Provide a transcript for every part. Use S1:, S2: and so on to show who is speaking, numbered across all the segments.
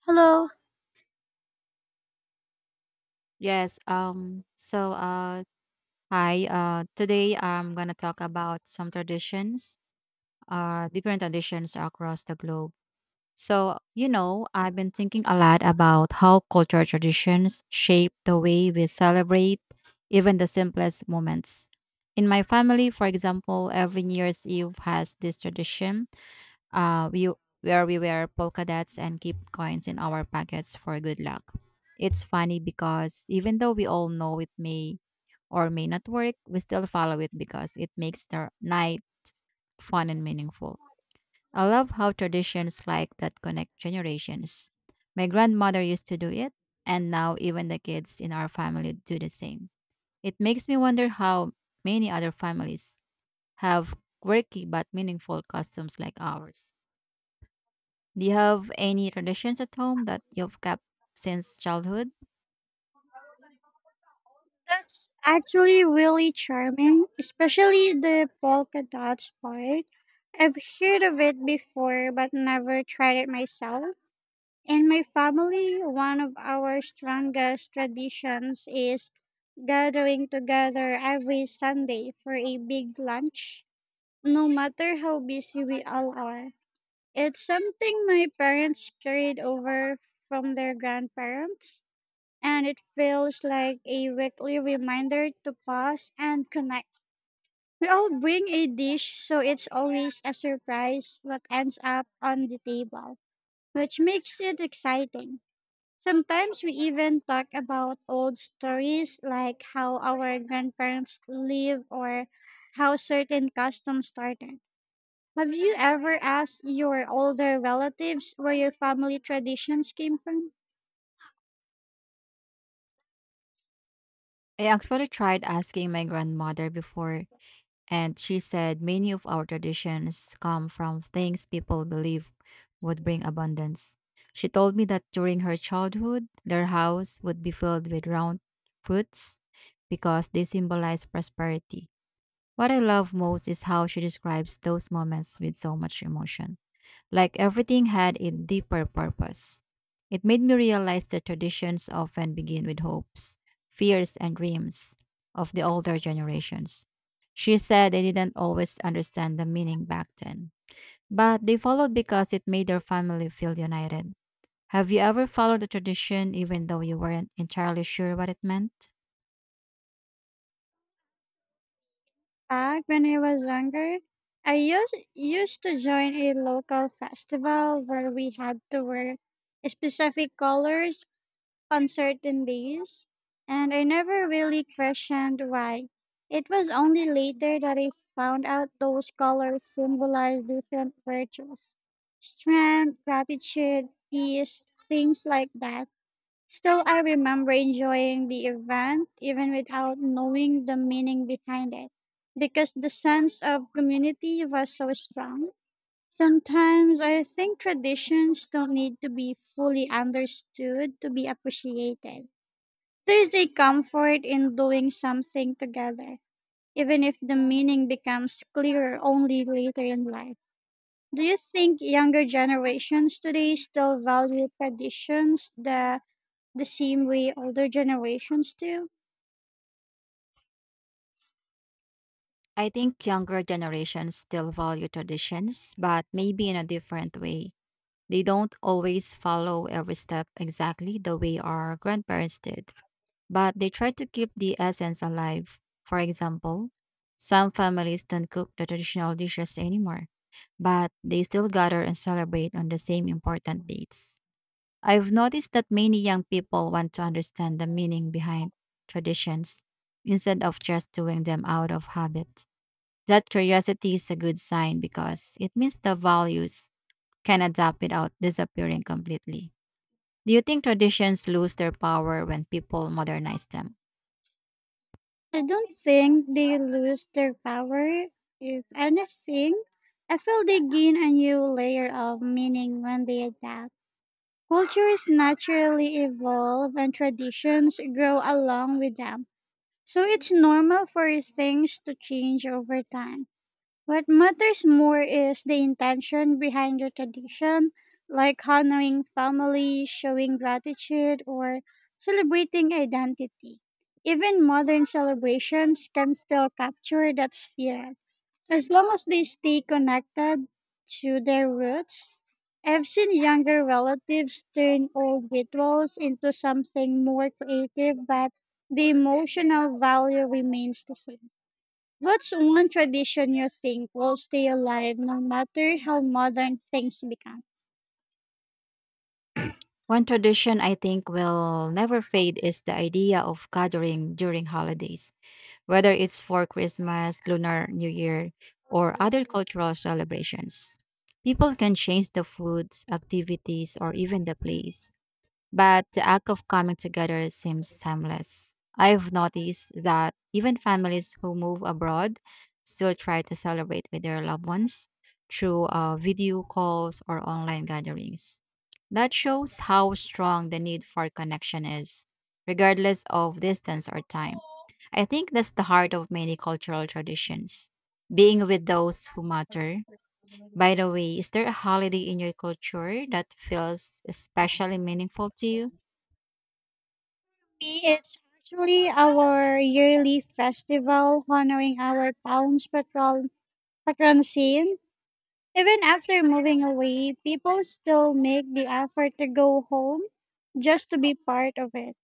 S1: Hello.
S2: Yes. Hi. Today I'm gonna talk about some traditions, different traditions across the globe. I've been thinking a lot about how cultural traditions shape the way we celebrate even the simplest moments. In my family, for example, every New Year's Eve has this tradition we where we wear polka dots and keep coins in our pockets for good luck. It's funny because even though we all know it may or may not work, we still follow it because it makes the night fun and meaningful. I love how traditions like that connect generations. My grandmother used to do it, and now even the kids in our family do the same. It makes me wonder how many other families have quirky but meaningful customs like ours. Do you have any traditions at home that you've kept since childhood?
S1: That's actually really charming, especially the polka dots part. I've heard of it before but never tried it myself. In my family, one of our strongest traditions is gathering together every Sunday for a big lunch, no matter how busy we all are. It's something my parents carried over from their grandparents, and it feels like a weekly reminder to pause and connect. We all bring a dish, so it's always a surprise what ends up on the table, which makes it exciting. Sometimes we even talk about old stories, like how our grandparents live or how certain customs started. Have you ever asked your older relatives where your family traditions came from?
S2: I actually tried asking my grandmother before, and she said many of our traditions come from things people believe would bring abundance. She told me that during her childhood, their house would be filled with round fruits because they symbolize prosperity. What I love most is how she describes those moments with so much emotion, like everything had a deeper purpose. It made me realize that traditions often begin with hopes, fears, and dreams of the older generations. She said they didn't always understand the meaning back then, but they followed because it made their family feel united. Have you ever followed a tradition even though you weren't entirely sure what it meant?
S1: Back when I was younger, I used to join a local festival where we had to wear specific colors on certain days, and I never really questioned why. It was only later that I found out those colors symbolized different virtues: strength, gratitude, peace, things like that. Still, I remember enjoying the event even without knowing the meaning behind it because the sense of community was so strong. Sometimes I think traditions don't need to be fully understood to be appreciated. There's a comfort in doing something together, even if the meaning becomes clearer only later in life. Do you think younger generations today still value traditions that the same way older generations do?
S2: I think younger generations still value traditions, but maybe in a different way. They don't always follow every step exactly the way our grandparents did, but they try to keep the essence alive. For example, some families don't cook the traditional dishes anymore, but they still gather and celebrate on the same important dates. I've noticed that many young people want to understand the meaning behind traditions instead of just doing them out of habit. That curiosity is a good sign because it means the values can adapt without disappearing completely. Do you think traditions lose their power when people modernize them?
S1: I don't think they lose their power. If anything, I feel they gain a new layer of meaning when they adapt. Cultures naturally evolve and traditions grow along with them. So it's normal for things to change over time. What matters more is the intention behind the tradition, like honoring family, showing gratitude, or celebrating identity. Even modern celebrations can still capture that spirit, as long as they stay connected to their roots. I've seen younger relatives turn old rituals into something more creative, but the emotional value remains the same. What's one tradition you think will stay alive no matter how modern things become?
S2: One tradition I think will never fade is the idea of gathering during holidays, whether it's for Christmas, Lunar New Year, or other cultural celebrations. People can change the foods, activities, or even the place, but the act of coming together seems timeless. I've noticed that even families who move abroad still try to celebrate with their loved ones through video calls or online gatherings. That shows how strong the need for connection is, regardless of distance or time. I think that's the heart of many cultural traditions, being with those who matter. By the way, is there a holiday in your culture that feels especially meaningful to you?
S1: Me, it's actually our yearly festival honoring our town's patron saint. Even after moving away, people still make the effort to go home just to be part of it.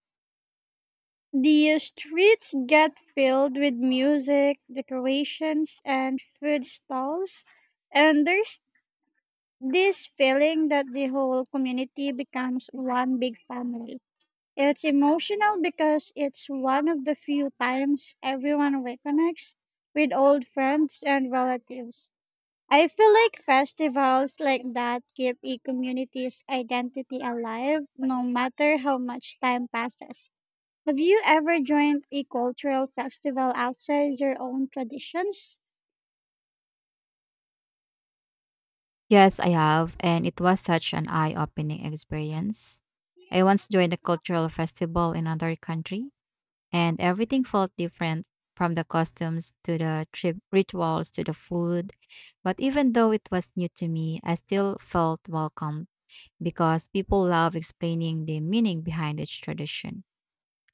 S1: The streets get filled with music, decorations, and food stalls, and there's this feeling that the whole community becomes one big family. It's emotional because it's one of the few times everyone reconnects with old friends and relatives. I feel like festivals like that keep a community's identity alive no matter how much time passes. Have you ever joined a cultural festival outside your own traditions?
S2: Yes, I have, and it was such an eye-opening experience. I once joined a cultural festival in another country, and everything felt different, from the costumes to the trip rituals to the food. But even though it was new to me, I still felt welcome because people love explaining the meaning behind each tradition.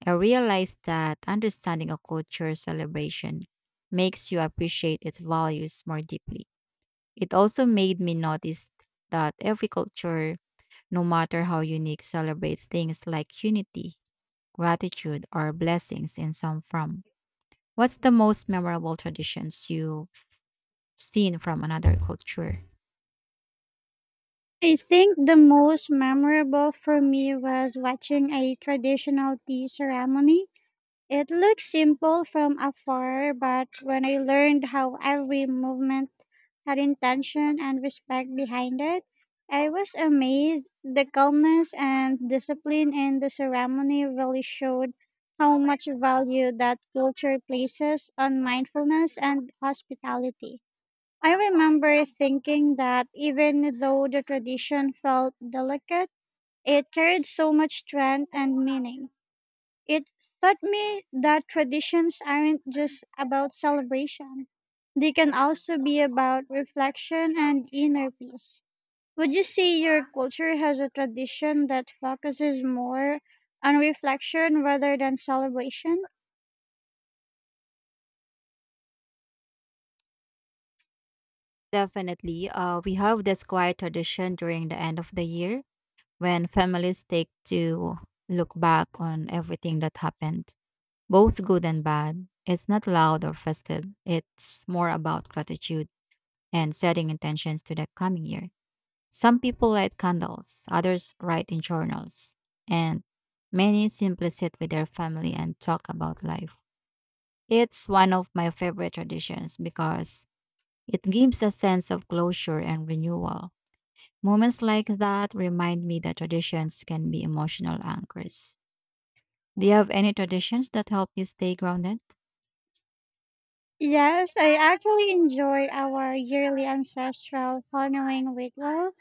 S2: I realized that understanding a culture celebration makes you appreciate its values more deeply. It also made me notice that every culture, no matter how unique, celebrates things like unity, gratitude, or blessings in some form. What's the most memorable traditions you've seen from another culture?
S1: I think the most memorable for me was watching a traditional tea ceremony. It looked simple from afar, but when I learned how every movement had intention and respect behind it, I was amazed. The calmness and discipline in the ceremony really showed how much value that culture places on mindfulness and hospitality. I remember thinking that even though the tradition felt delicate, it carried so much strength and meaning. It taught me that traditions aren't just about celebration, they can also be about reflection and inner peace. Would you say your culture has a tradition that focuses more on reflection rather than celebration?
S2: Definitely. We have this quiet tradition during the end of the year when families take to look back on everything that happened, both good and bad. It's not loud or festive. It's more about gratitude and setting intentions to the coming year. Some people light candles, others write in journals, and many simply sit with their family and talk about life. It's one of my favorite traditions because it gives a sense of closure and renewal. Moments like that remind me that traditions can be emotional anchors. Do you have any traditions that help you stay grounded?
S1: Yes, I actually enjoy our yearly ancestral honoring ritual.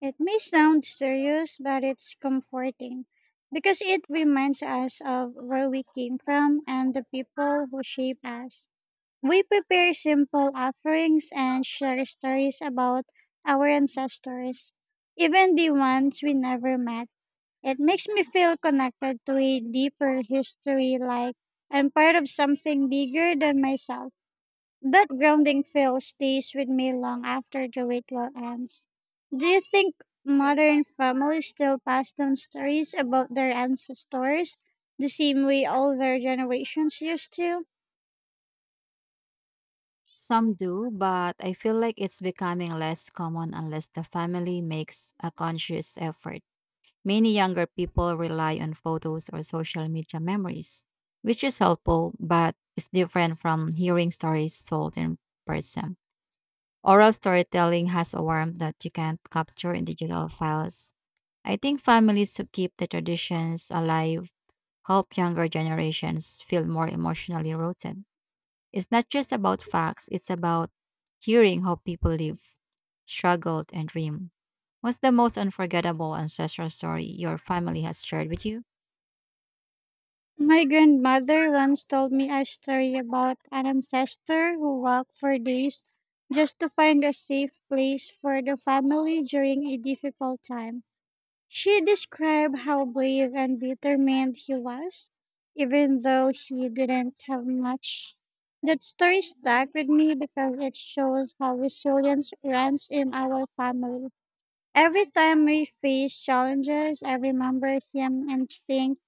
S1: It may sound serious, but it's comforting because it reminds us of where we came from and the people who shape us. We prepare simple offerings and share stories about our ancestors, even the ones we never met. It makes me feel connected to a deeper history, like I'm part of something bigger than myself. That grounding feel stays with me long after the ritual ends. Do you think modern families still pass down stories about their ancestors the same way older generations used to?
S2: Some do, but I feel like it's becoming less common unless the family makes a conscious effort. Many younger people rely on photos or social media memories, which is helpful, but it's different from hearing stories told in person. Oral storytelling has a warmth that you can't capture in digital files. I think families who keep the traditions alive help younger generations feel more emotionally rooted. It's not just about facts, it's about hearing how people live, struggled, and dream. What's the most unforgettable ancestral story your family has shared with you?
S1: My grandmother once told me a story about an ancestor who walked for days just to find a safe place for the family during a difficult time. She described how brave and determined he was, even though he didn't have much. That story stuck with me because it shows how resilience runs in our family. Every time we face challenges, I remember him and think,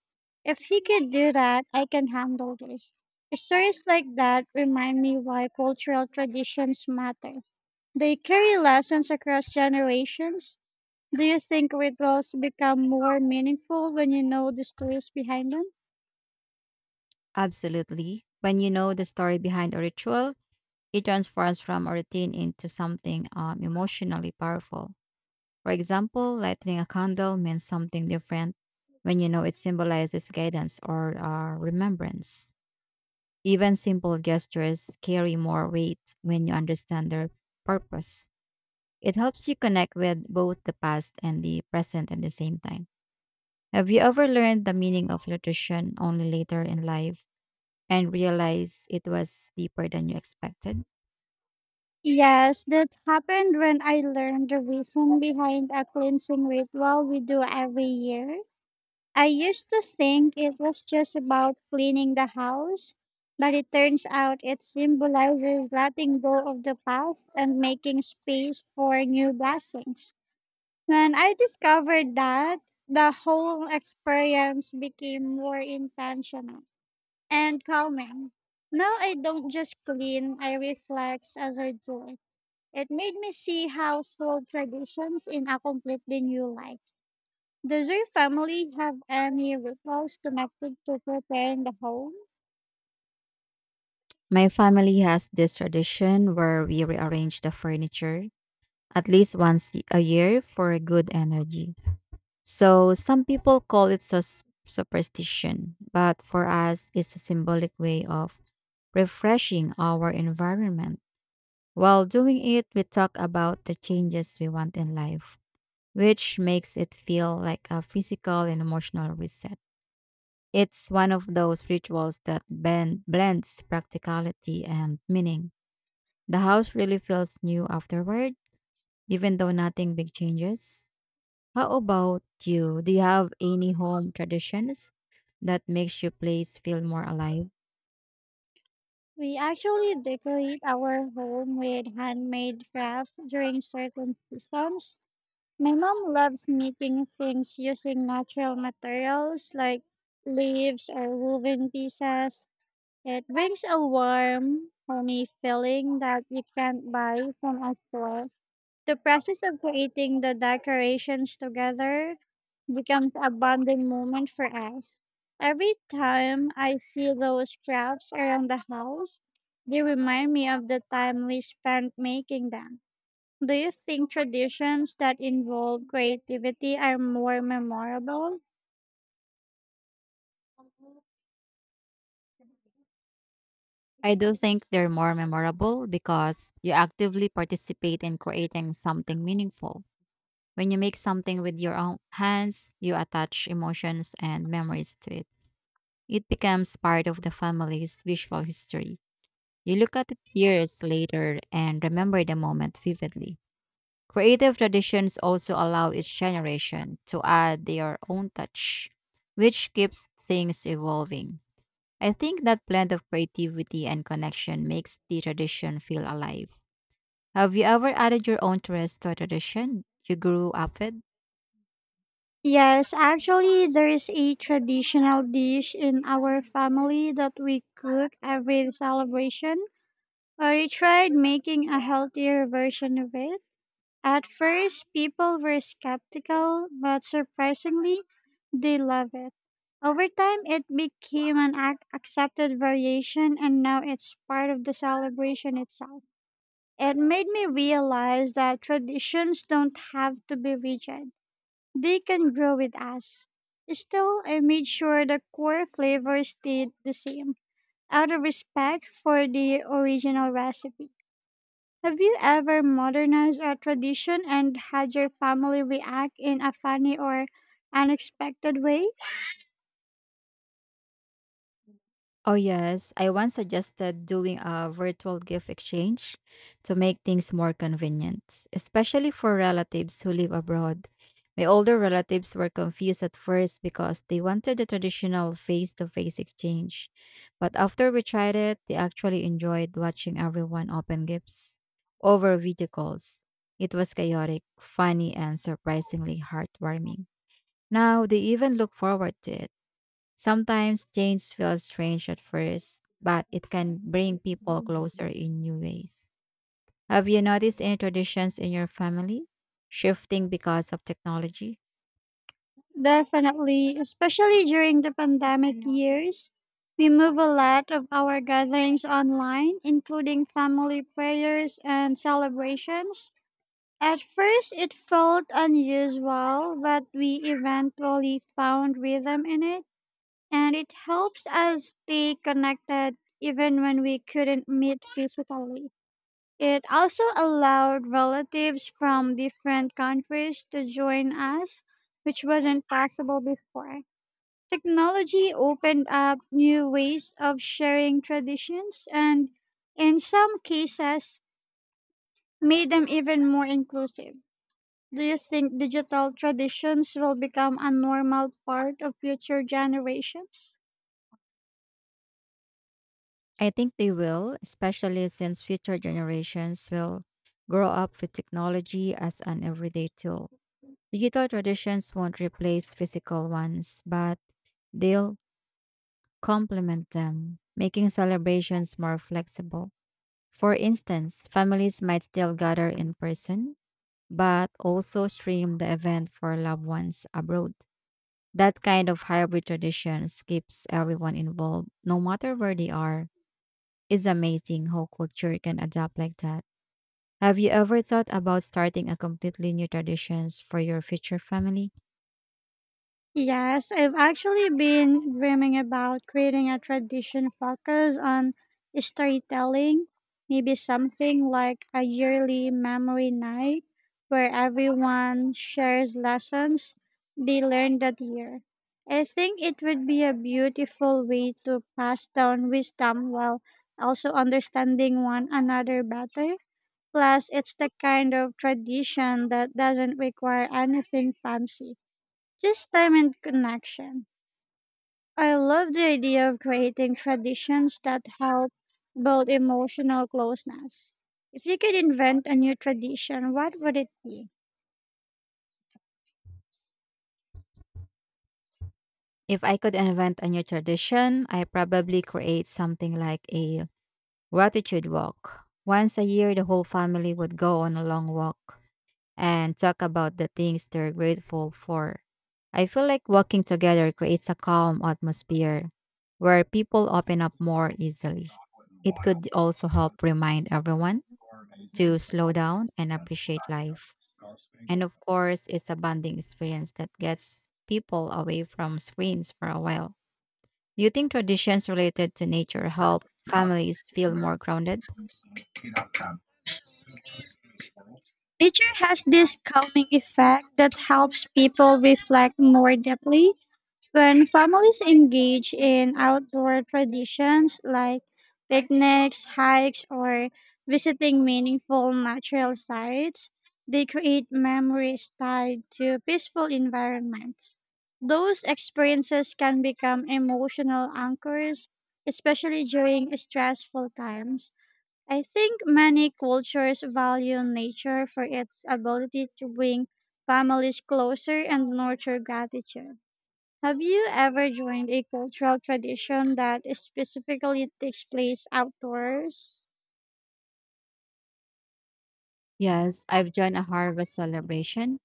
S1: if he could do that, I can handle this. Stories like that remind me why cultural traditions matter. They carry lessons across generations. Do you think rituals become more meaningful when you know the stories behind them?
S2: Absolutely. When you know the story behind a ritual, it transforms from a routine into something emotionally powerful. For example, lighting a candle means something different when you know it symbolizes guidance or remembrance. Even simple gestures carry more weight when you understand their purpose. It helps you connect with both the past and the present at the same time. Have you ever learned the meaning of nutrition only later in life and realized it was deeper than you expected?
S1: Yes, that happened when I learned the reason behind a cleansing ritual we do every year. I used to think it was just about cleaning the house, but it turns out it symbolizes letting go of the past and making space for new blessings. When I discovered that, the whole experience became more intentional and calming. Now I don't just clean, I reflect as I do it. It made me see household traditions in a completely new light. Does your family have any rituals connected to preparing the home?
S2: My family has this tradition where we rearrange the furniture at least once a year for good energy. So some people call it superstition, but for us, it's a symbolic way of refreshing our environment. While doing it, we talk about the changes we want in life, which makes it feel like a physical and emotional reset. It's one of those rituals that blends practicality and meaning. The house really feels new afterward, even though nothing big changes. How about you? Do you have any home traditions that makes your place feel more alive?
S1: We actually decorate our home with handmade crafts during certain seasons. My mom loves making things using natural materials like leaves or woven pieces. It brings a warm, homey feeling that you can't buy from a store. The process of creating the decorations together becomes a bonding moment for us. Every time I see those crafts around the house, they remind me of the time we spent making them. Do you think traditions that involve creativity are more memorable?
S2: I do think they're more memorable because you actively participate in creating something meaningful. When you make something with your own hands, you attach emotions and memories to it. It becomes part of the family's visual history. You look at it years later and remember the moment vividly. Creative traditions also allow each generation to add their own touch, which keeps things evolving. I think that blend of creativity and connection makes the tradition feel alive. Have you ever added your own twist to a tradition you grew up with?
S1: Yes, actually, there is a traditional dish in our family that we cook every celebration. I tried making a healthier version of it. At first, people were skeptical, but surprisingly, they love it. Over time, it became an accepted variation, and now it's part of the celebration itself. It made me realize that traditions don't have to be rigid. They can grow with us. Still, I made sure the core flavors stayed the same, out of respect for the original recipe. Have you ever modernized a tradition and had your family react in a funny or unexpected way?
S2: Oh, yes. I once suggested doing a virtual gift exchange to make things more convenient, especially for relatives who live abroad. My older relatives were confused at first because they wanted the traditional face to face exchange. But after we tried it, they actually enjoyed watching everyone open gifts over video calls. It was chaotic, funny, and surprisingly heartwarming. Now they even look forward to it. Sometimes change feels strange at first, but it can bring people closer in new ways. Have you noticed any traditions in your family shifting because of technology?
S1: Definitely, especially during the pandemic years, we move a lot of our gatherings online, including family prayers and celebrations. At first, it felt unusual, but we eventually found rhythm in it, and it helps us stay connected even when we couldn't meet physically. It also allowed relatives from different countries to join us, which wasn't possible before. Technology opened up new ways of sharing traditions and, in some cases, made them even more inclusive. Do you think digital traditions will become a normal part of future generations?
S2: I think they will, especially since future generations will grow up with technology as an everyday tool. Digital traditions won't replace physical ones, but they'll complement them, making celebrations more flexible. For instance, families might still gather in person, but also stream the event for loved ones abroad. That kind of hybrid traditions keeps everyone involved, no matter where they are. It's amazing how culture can adapt like that. Have you ever thought about starting a completely new traditions for your future family?
S1: Yes, I've actually been dreaming about creating a tradition focused on storytelling, maybe something like a yearly memory night where everyone shares lessons they learned that year. I think it would be a beautiful way to pass down wisdom while also understanding one another better. Plus, it's the kind of tradition that doesn't require anything fancy, just time and connection. I love the idea of creating traditions that help build emotional closeness. If you could invent a new tradition, what would it be?
S2: If I could invent a new tradition, I probably create something like a gratitude walk. Once a year, the whole family would go on a long walk and talk about the things they're grateful for. I feel like walking together creates a calm atmosphere where people open up more easily. It could also help remind everyone to slow down and appreciate life. And of course, it's a bonding experience that gets people away from screens for a while. Do you think traditions related to nature help families feel more grounded?
S1: Nature has this calming effect that helps people reflect more deeply. When families engage in outdoor traditions like picnics, hikes, or visiting meaningful natural sites, they create memories tied to peaceful environments. Those experiences can become emotional anchors, especially during stressful times. I think many cultures value nature for its ability to bring families closer and nurture gratitude. Have you ever joined a cultural tradition that specifically takes place outdoors?
S2: Yes, I've joined a harvest celebration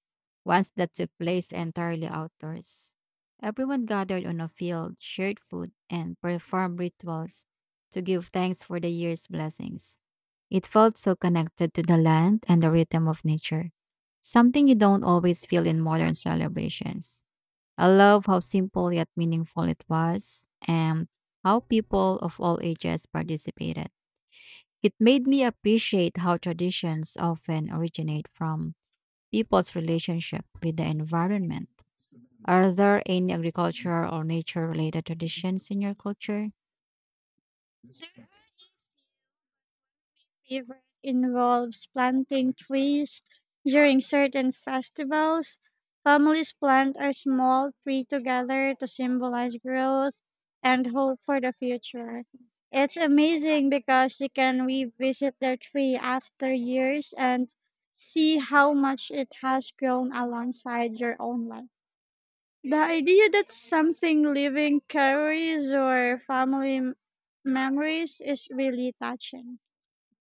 S2: once that took place entirely outdoors. Everyone gathered on a field, shared food, and performed rituals to give thanks for the year's blessings. It felt so connected to the land and the rhythm of nature, something you don't always feel in modern celebrations. I love how simple yet meaningful it was and how people of all ages participated. It made me appreciate how traditions often originate from people's relationship with the environment. Are there any agricultural or nature related traditions in your culture?
S1: Favorite involves planting trees during certain festivals. Families plant a small tree together to symbolize growth and hope for the future. It's amazing because you can revisit the tree after years and see how much it has grown alongside your own life. The idea that something living carries your family memories is really touching.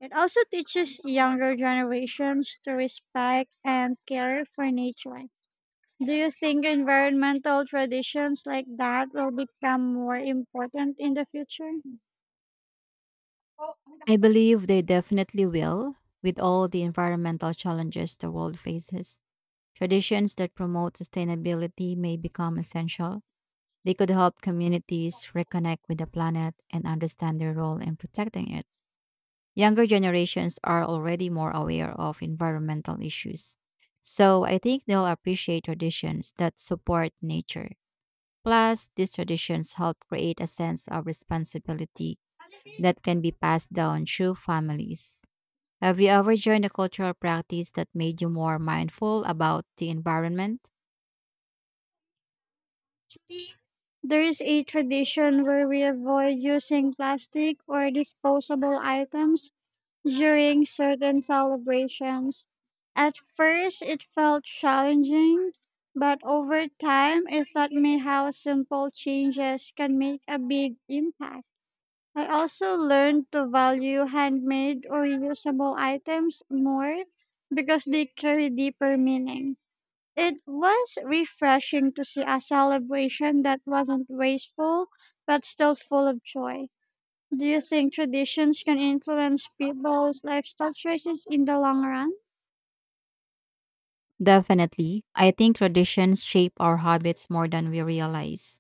S1: It also teaches younger generations to respect and care for nature. Do you think environmental traditions like that will become more important in the future?
S2: I believe they definitely will, with all the environmental challenges the world faces. Traditions that promote sustainability may become essential. They could help communities reconnect with the planet and understand their role in protecting it. Younger generations are already more aware of environmental issues, so I think they'll appreciate traditions that support nature. Plus, these traditions help create a sense of responsibility that can be passed down through families. Have you ever joined a cultural practice that made you more mindful about the environment?
S1: There is a tradition where we avoid using plastic or disposable items during certain celebrations. At first, it felt challenging, but over time, I thought me how simple changes can make a big impact. I also learned to value handmade or usable items more because they carry deeper meaning. It was refreshing to see a celebration that wasn't wasteful but still full of joy. Do you think traditions can influence people's lifestyle choices in the long run?
S2: Definitely. I think traditions shape our habits more than we realize.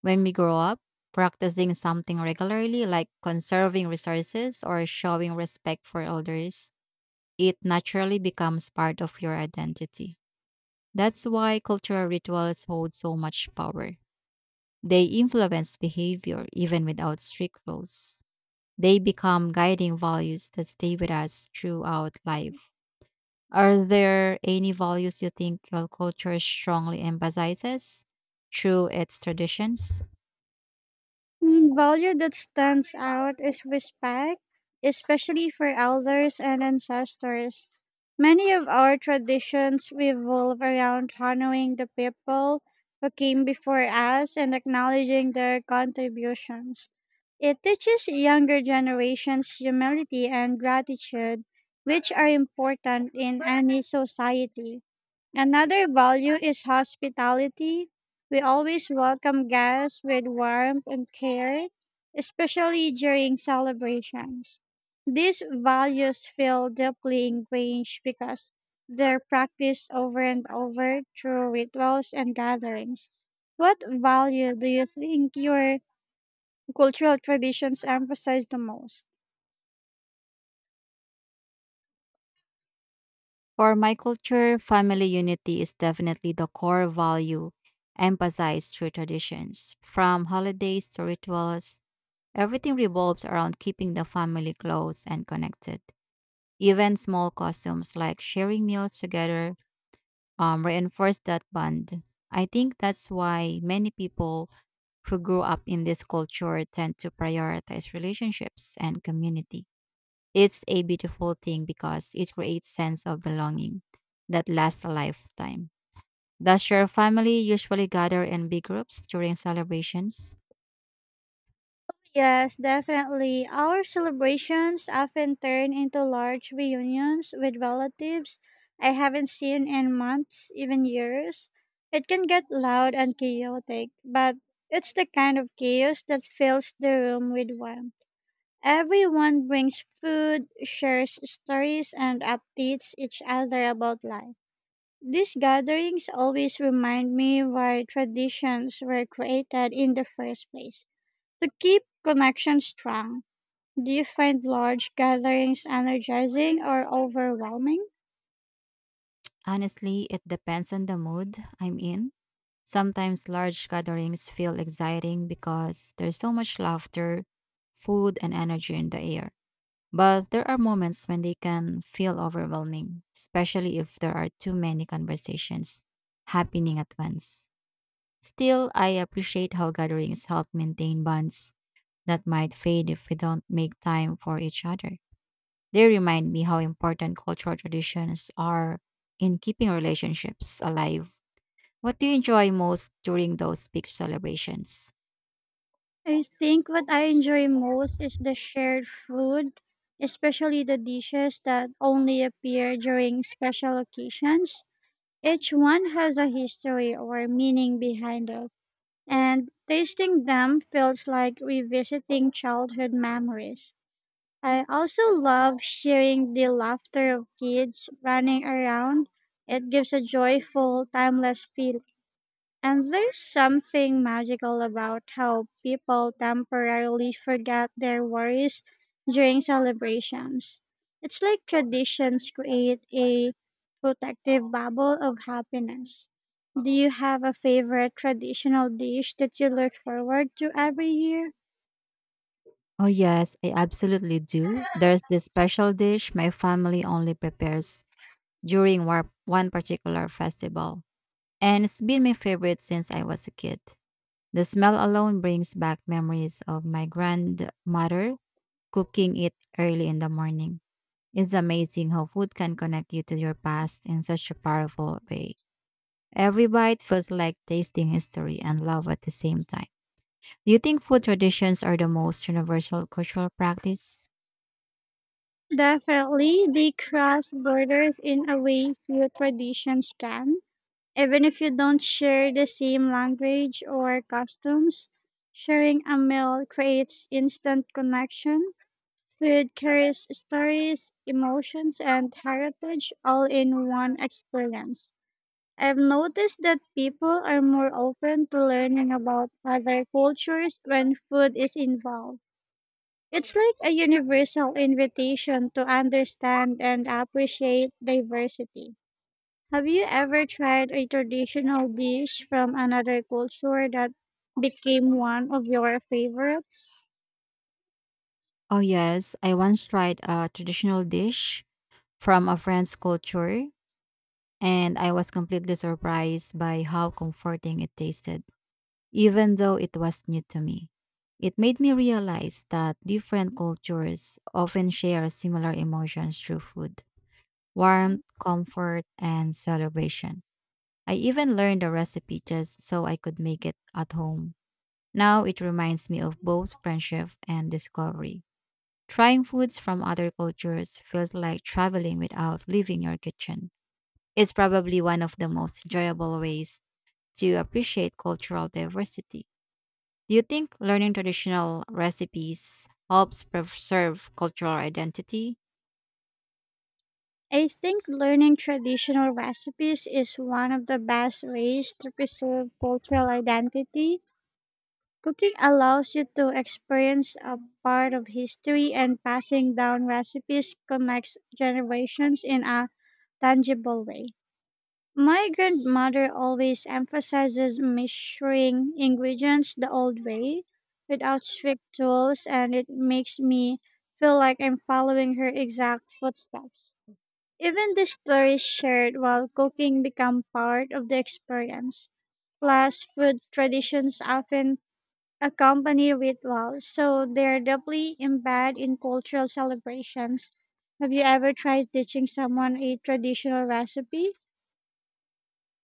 S2: When we grow up, practicing something regularly, like conserving resources or showing respect for elders, it naturally becomes part of your identity. That's why cultural rituals hold so much power. They influence behavior even without strict rules. They become guiding values that stay with us throughout life. Are there any values you think your culture strongly emphasizes through its traditions?
S1: Value that stands out is respect, especially for elders and ancestors. Many of our traditions revolve around honoring the people who came before us and acknowledging their contributions. It teaches younger generations humility and gratitude, which are important in any society. Another value is hospitality. We always welcome guests with warmth and care, especially during celebrations. These values feel deeply ingrained because they're practiced over and over through rituals and gatherings. What value do you think your cultural traditions emphasize the most?
S2: For my culture, family unity is definitely the core value emphasized through traditions. From holidays to rituals, everything revolves around keeping the family close and connected. Even small customs like sharing meals together reinforce that bond. I think that's why many people who grew up in this culture tend to prioritize relationships and community. It's a beautiful thing because it creates sense of belonging that lasts a lifetime. Does your family usually gather in big groups during celebrations?
S1: Yes, definitely. Our celebrations often turn into large reunions with relatives I haven't seen in months, even years. It can get loud and chaotic, but it's the kind of chaos that fills the room with warmth. Everyone brings food, shares stories, and updates each other about life. These gatherings always remind me why traditions were created in the first place, to keep connections strong. Do you find large gatherings energizing or overwhelming?
S2: Honestly, it depends on the mood I'm in. Sometimes large gatherings feel exciting because there's so much laughter, food, and energy in the air. But there are moments when they can feel overwhelming, especially if there are too many conversations happening at once. Still, I appreciate how gatherings help maintain bonds that might fade if we don't make time for each other. They remind me how important cultural traditions are in keeping relationships alive. What do you enjoy most during those big celebrations?
S1: I think what I enjoy most is the shared food, especially the dishes that only appear during special occasions. Each one has a history or meaning behind it, and tasting them feels like revisiting childhood memories. I also love hearing the laughter of kids running around. It gives a joyful, timeless feel. And there's something magical about how people temporarily forget their worries during celebrations. It's like traditions create a protective bubble of happiness. Do you have a favorite traditional dish that you look forward to every year?
S2: Oh, yes, I absolutely do. There's this special dish my family only prepares during one particular festival, and it's been my favorite since I was a kid. The smell alone brings back memories of my grandmother cooking it early in the morning. It's amazing how food can connect you to your past in such a powerful way. Every bite feels like tasting history and love at the same time. Do you think food traditions are the most universal cultural practice?
S1: Definitely, they cross borders in a way few traditions can. Even if you don't share the same language or customs, sharing a meal creates instant connection. Food carries stories, emotions, and heritage all in one experience. I've noticed that people are more open to learning about other cultures when food is involved. It's like a universal invitation to understand and appreciate diversity. Have you ever tried a traditional dish from another culture that became one of your favorites?
S2: Oh, yes. I once tried a traditional dish from a friend's culture, and I was completely surprised by how comforting it tasted, even though it was new to me. It made me realize that different cultures often share similar emotions through food, warmth, comfort, and celebration. I even learned the recipe just so I could make it at home. Now it reminds me of both friendship and discovery. Trying foods from other cultures feels like traveling without leaving your kitchen. It's probably one of the most enjoyable ways to appreciate cultural diversity. Do you think learning traditional recipes helps preserve cultural identity?
S1: I think learning traditional recipes is one of the best ways to preserve cultural identity. Cooking allows you to experience a part of history, and passing down recipes connects generations in a tangible way. My grandmother always emphasizes measuring ingredients the old way, without strict rules, and it makes me feel like I'm following her exact footsteps. Even the stories shared while cooking become part of the experience. Plus, food traditions often accompany rituals, so they're deeply embedded in cultural celebrations. Have you ever tried teaching someone a traditional recipe?